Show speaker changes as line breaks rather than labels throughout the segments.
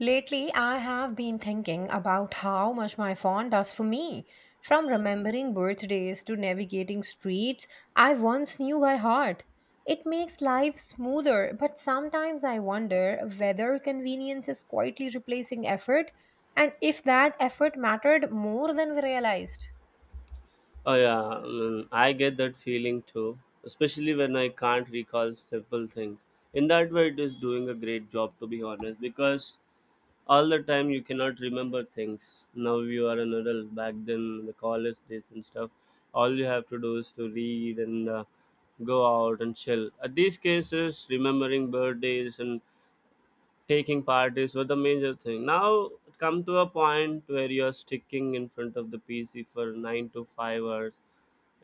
Lately, I have been thinking about how much my phone does for me. From remembering birthdays to navigating streets I once knew by heart. It makes life smoother, but sometimes I wonder whether convenience is quietly replacing effort and if that effort mattered more than we realized.
Oh yeah, mm, I get that feeling too, especially when I can't recall simple things. In that way, it is doing a great job to be honest, because all the time you cannot remember things. Now you are an adult. Back then, the college days and stuff, all you have to do is to read and go out and chill. At these cases, remembering birthdays and taking parties were the major thing. Now come to a point where you are sticking in front of the PC for 9 to 5 hours,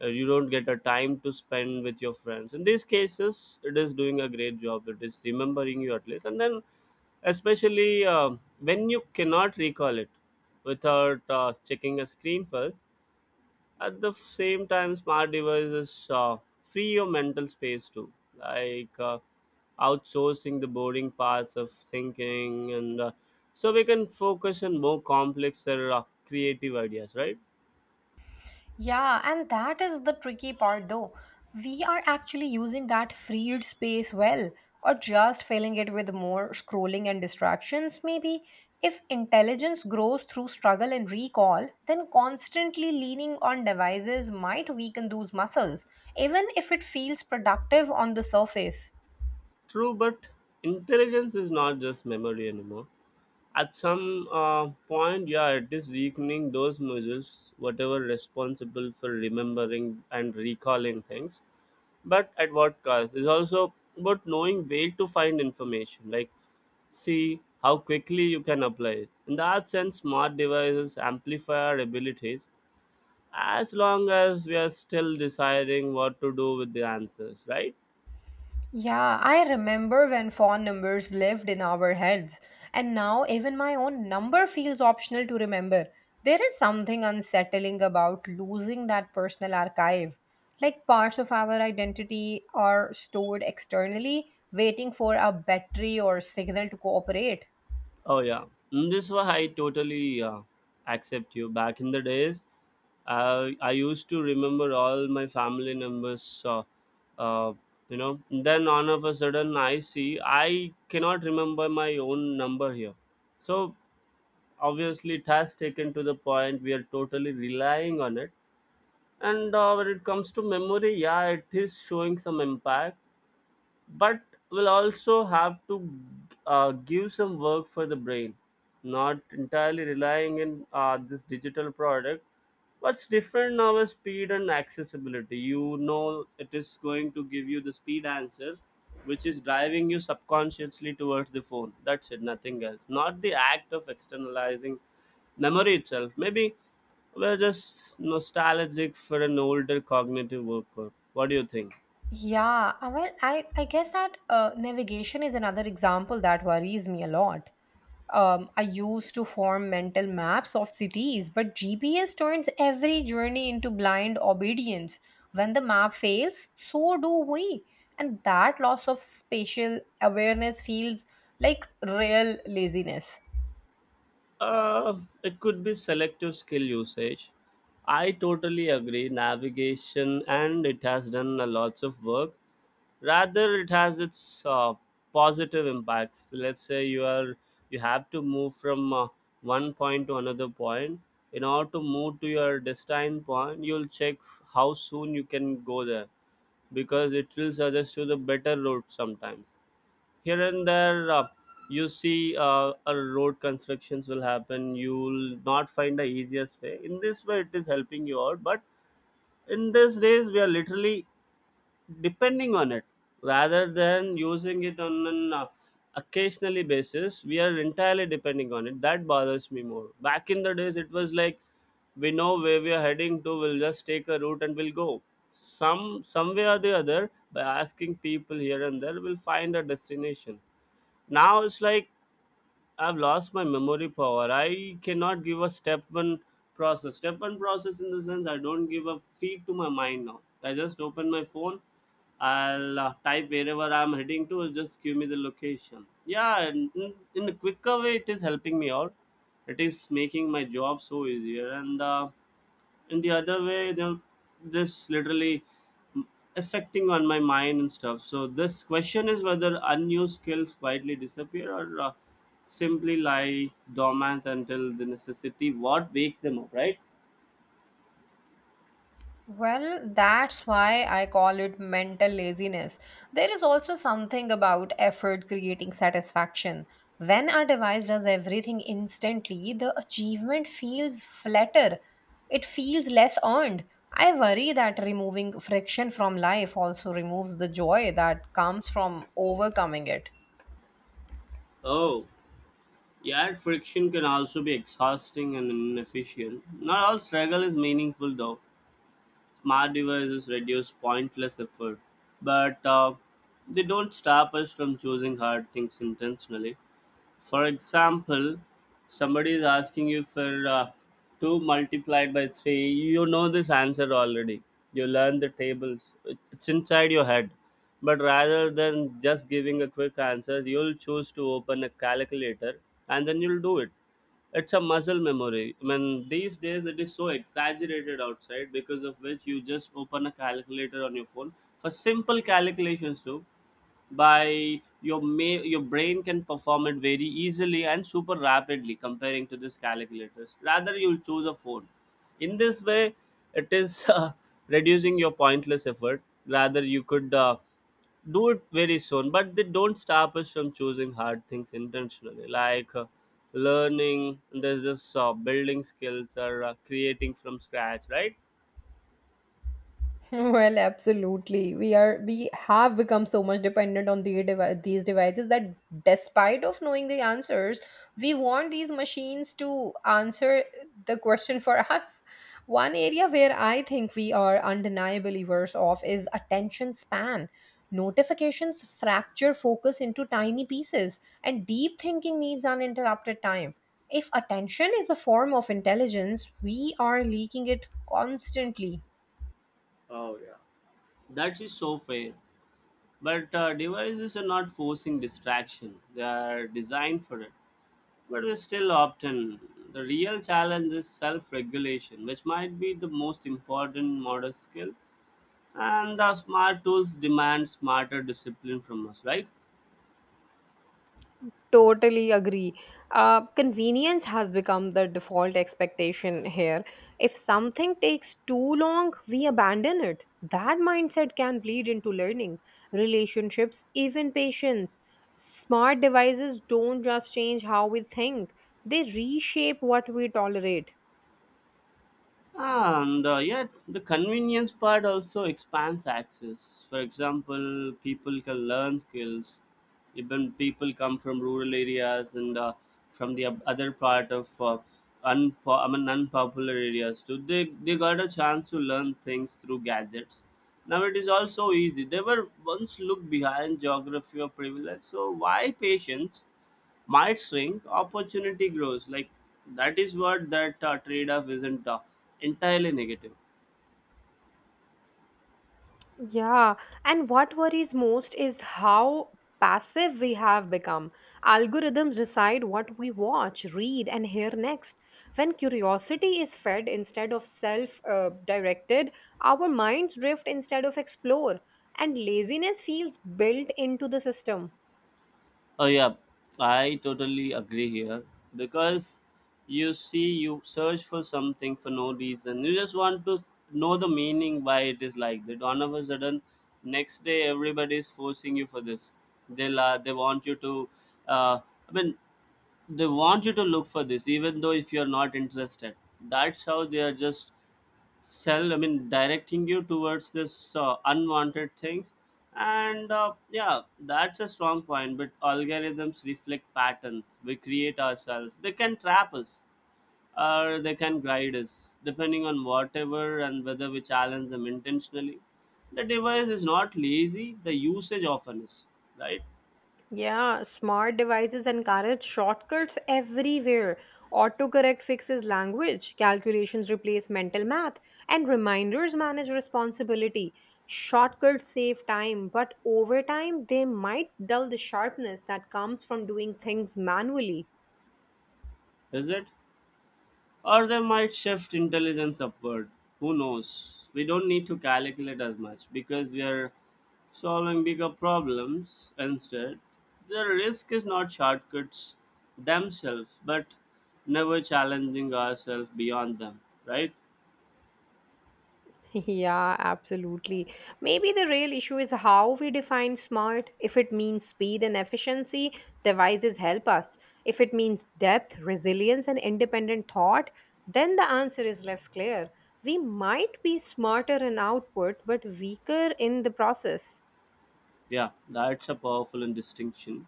you don't get a time to spend with your friends. In these cases, it is doing a great job. It is remembering you at least, and then especially when you cannot recall it without checking a screen first. At the same time, smart devices, free your mental space too, like, outsourcing the boring parts of thinking, and, so we can focus on more complex or, creative ideas, right?
Yeah, and that is the tricky part though. We are actually using that freed space well, or just filling it with more scrolling and distractions, maybe. If intelligence grows through struggle and recall, then constantly leaning on devices might weaken those muscles, even if it feels productive on the surface.
True, but intelligence is not just memory anymore. At some point, yeah, it is weakening those muscles, whatever responsible for remembering and recalling things. But at what cost? It's also about knowing where to find information, like see how quickly you can apply it. In that sense, smart devices amplify our abilities as long as we are still deciding what to do with the answers, right?
Yeah, I remember when phone numbers lived in our heads, and now even my own number feels optional to remember. There is something unsettling about losing that personal archive. Like parts of our identity are stored externally, waiting for a battery or signal to cooperate.
Oh yeah. Mm, this why I totally accept you. Back in the days, I used to remember all my family members. Uh, uh, then all of a sudden I see I cannot remember my own number here. So obviously, it has taken to the point we are totally relying on it. And when it comes to memory, yeah, it is showing some impact, but will also have to, give some work for the brain, not entirely relying in this digital product. What's different now is speed and accessibility. It is going to give you the speed answers, which is driving you subconsciously towards the phone. That's it, nothing else. Not the act of externalizing memory itself. Maybe we're just nostalgic for an older cognitive worker. What do you think?
Yeah, well, I guess that navigation is another example that worries me a lot. I used to form mental maps of cities, but GPS turns every journey into blind obedience. When the map fails, so do we. And that loss of spatial awareness feels like real laziness.
It could be selective skill usage. I totally agree. Navigation and it has done a lots of work. Rather, it has its positive impacts. Let's say you have to move from one point to another point. In order to move to your destined point, you'll check how soon you can go there, because it will suggest you the better route. Sometimes here and there, you see, a road constructions will happen, you'll not find the easiest way. In this way, it is helping you out. But in these days we are literally depending on it, rather than using it on an occasionally basis. We are entirely depending on it, that bothers me more. Back in the days it was like, we know where we are heading to, we'll just take a route and we'll go some way or the other, by asking people here and there we'll find a destination. Now it's like, I've lost my memory power. I cannot give a step one process. Step one process in the sense, I don't give a feed to my mind now. I just open my phone. I'll type wherever I'm heading to. It'll just give me the location. Yeah, and in a quicker way, it is helping me out. It is making my job so easier and. In the other way, this literally affecting on my mind and stuff. So this question is whether unused skills quietly disappear or simply lie dormant until the necessity what wakes them up, right?
Well, that's why I call it mental laziness. There is also something about effort creating satisfaction. When our device does everything instantly, the achievement feels flatter. It feels less earned. I worry that removing friction from life also removes the joy that comes from overcoming it.
Oh yeah, friction can also be exhausting and inefficient. Not all struggle is meaningful though. Smart devices reduce pointless effort, but they don't stop us from choosing hard things intentionally. For example, somebody is asking you for 2 multiplied by 3. You know this answer already. You learn the tables. It's inside your head. But rather than just giving a quick answer, you'll choose to open a calculator and then you'll do it. It's a muscle memory. I mean, these days it is so exaggerated outside, because of which you just open a calculator on your phone for simple calculations too. By your may your brain can perform it very easily and super rapidly comparing to these calculators, rather you'll choose a phone. In this way, it is reducing your pointless effort, rather you could do it very soon. But they don't stop us from choosing hard things intentionally, like learning, there's this building skills, or creating from scratch, right?
Well, absolutely. We have become so much dependent on the these devices that despite of knowing the answers, we want these machines to answer the question for us. One area where I think we are undeniably worse off is attention span. Notifications fracture focus into tiny pieces, and deep thinking needs uninterrupted time. If attention is a form of intelligence, we are leaking it constantly.
Oh yeah. That is so fair. But devices are not forcing distraction, they are designed for it. But we still often, the real challenge is self regulation, which might be the most important modern skill. And the smart tools demand smarter discipline from us, right?
Totally agree. Convenience has become the default expectation here. If something takes too long, we abandon it. That mindset can bleed into learning, relationships, even patience. Smart devices don't just change how we think, they reshape what we tolerate.
And yet, the convenience part also expands access. For example, people can learn skills. Even people come from rural areas and, from the other part of I mean, unpopular areas too. They got a chance to learn things through gadgets. Now it is also easy. They were once looked behind geography or privilege. So why patience? Might shrink, opportunity grows. Like that is what that trade-off isn't entirely negative.
Yeah, and what worries most is how passive we have become. Algorithms decide what we watch, read, and hear next. When curiosity is fed instead of self directed, our minds drift instead of explore, and laziness feels built into the system.
Oh yeah, I totally agree here, because you see, you search for something for no reason. You just want to know the meaning why it is like that. All of a sudden, next day everybody is forcing you for this. They'll they want you to. Uh, I mean, they want you to look for this, even though if you are not interested. That's how they are just sell I mean directing you towards this unwanted things. And yeah, that's a strong point. But algorithms reflect patterns we create ourselves. They can trap us or they can guide us, depending on whatever and whether we challenge them intentionally. The device is not lazy, the usage often is, right?
Yeah, smart devices encourage shortcuts everywhere. Autocorrect fixes language, calculations replace mental math, and reminders manage responsibility. Shortcuts save time, but over time, they might dull the sharpness that comes from doing things manually.
Is it? Or they might shift intelligence upward. Who knows? We don't need to calculate as much because we are solving bigger problems instead. The risk is not shortcuts themselves, but never challenging ourselves beyond them, right?
Yeah, absolutely. Maybe the real issue is how we define smart. If it means speed and efficiency, devices help us. If it means depth, resilience, and independent thought, then the answer is less clear. We might be smarter in output, but weaker in the process.
Yeah, that's a powerful and distinction.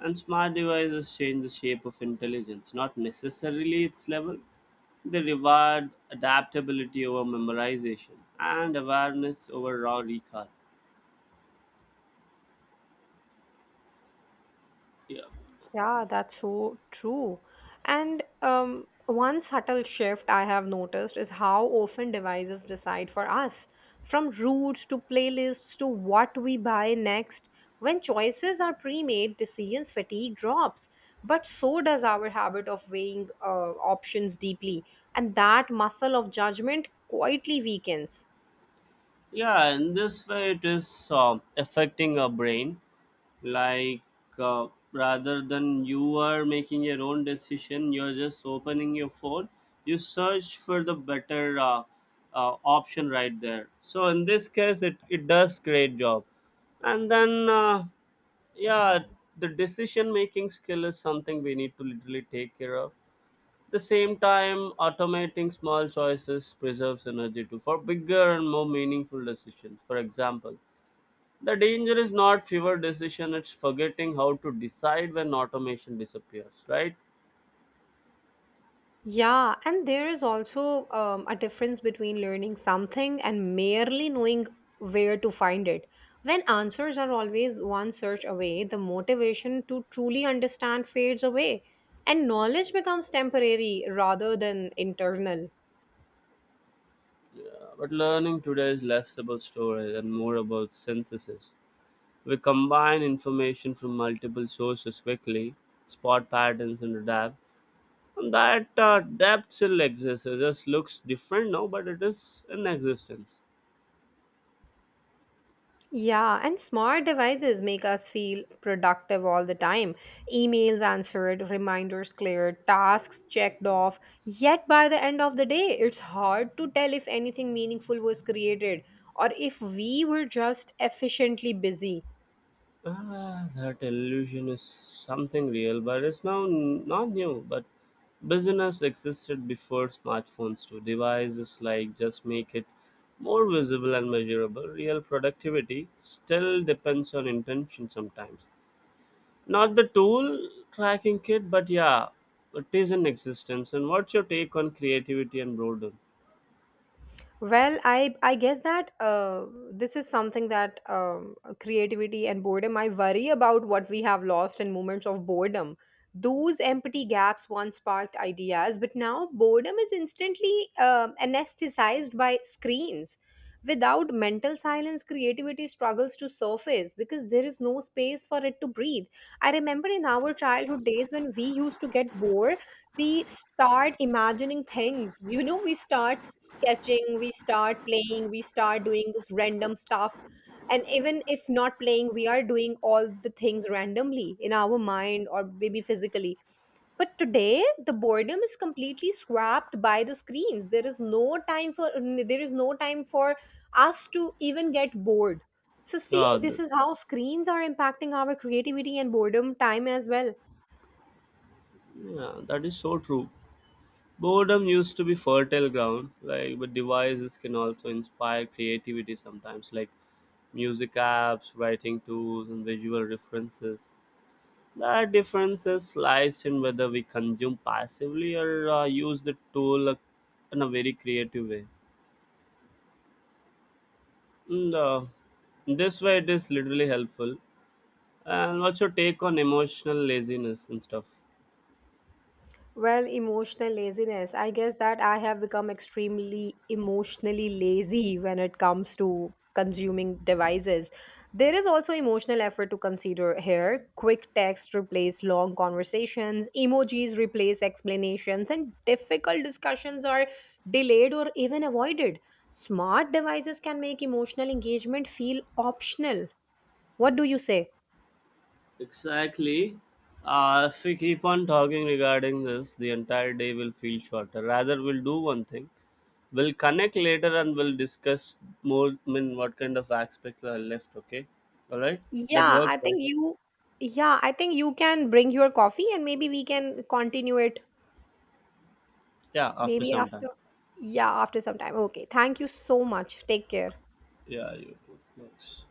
And smart devices change the shape of intelligence, not necessarily its level. They reward adaptability over memorization and awareness over raw recall. Yeah.
Yeah, that's so true. And one subtle shift I have noticed is how often devices decide for us, from routes to playlists to what we buy next. When choices are pre made, decisions fatigue drops, but so does our habit of weighing options deeply. And that muscle of judgment quietly weakens.
Yeah, in this way it is affecting our brain, like, uh, rather than you are making your own decision, you're just opening your phone. You search for the better option right there. So in this case it does great job. And then, yeah, the decision making skill is something we need to literally take care of. The same time, automating small choices preserves energy too for bigger and more meaningful decisions. For example, the danger is not fewer decision, it's forgetting how to decide when automation disappears, right?
Yeah, and there is also a difference between learning something and merely knowing where to find it. When answers are always one search away, the motivation to truly understand fades away, and knowledge becomes temporary rather than internal.
But learning today is less about storage and more about synthesis. We combine information from multiple sources quickly, spot patterns and adapt. And that depth still exists. It just looks different now, but it is in existence.
Yeah, and smart devices make us feel productive all the time. Emails answered, reminders cleared, tasks checked off. Yet by the end of the day, it's hard to tell if anything meaningful was created or if we were just efficiently busy.
Ah, that illusion is something real, but it's not new. But business existed before smartphones too. Devices like just make it more visible and measurable. Real productivity still depends on intention sometimes. Not the tool tracking kit, but yeah, it is in existence. And what's your take on creativity and boredom?
Well, I guess that this is something that creativity and boredom. I worry about what we have lost in moments of boredom. Those empty gaps once sparked ideas, but now boredom is instantly anesthetized by screens. Without mental silence, creativity struggles to surface because there is no space for it to breathe. I remember in our childhood days when we used to get bored, we start imagining things. You know, we start sketching, we start playing, we start doing this random stuff, and even if not playing, we are doing all the things randomly in our mind or maybe physically. But today the boredom is completely swapped by the screens. There is no time for us to even get bored. So see,
Yeah,
this is how screens are impacting our creativity and boredom time as well.
yeah, that is so true. Boredom used to be fertile ground, like, but devices can also inspire creativity sometimes, like music apps, writing tools, and visual references. That differences lies in whether we consume passively or use the tool in a very creative way. And, this way, it is literally helpful. And what's your take on emotional laziness and stuff?
Well, emotional laziness. I guess that I have become extremely emotionally lazy when it comes to consuming devices. There is also emotional effort to consider here. Quick text replace long conversations, emojis replace explanations, and difficult discussions are delayed or even avoided. Smart devices can make emotional engagement feel optional. What do you say?
Exactly. If we keep on talking regarding this, the entire day will feel shorter. Rather, we'll do one thing. We'll connect later and we'll discuss more. I mean, what kind of aspects are left? Okay. All right. That
Yeah,
works,
I
right?
think you, yeah, I think you can bring your coffee and maybe we can continue it
Yeah. After
maybe
some time.
after, yeah, after some time. Okay, thank you so much. Take care.
Yeah. You. Works.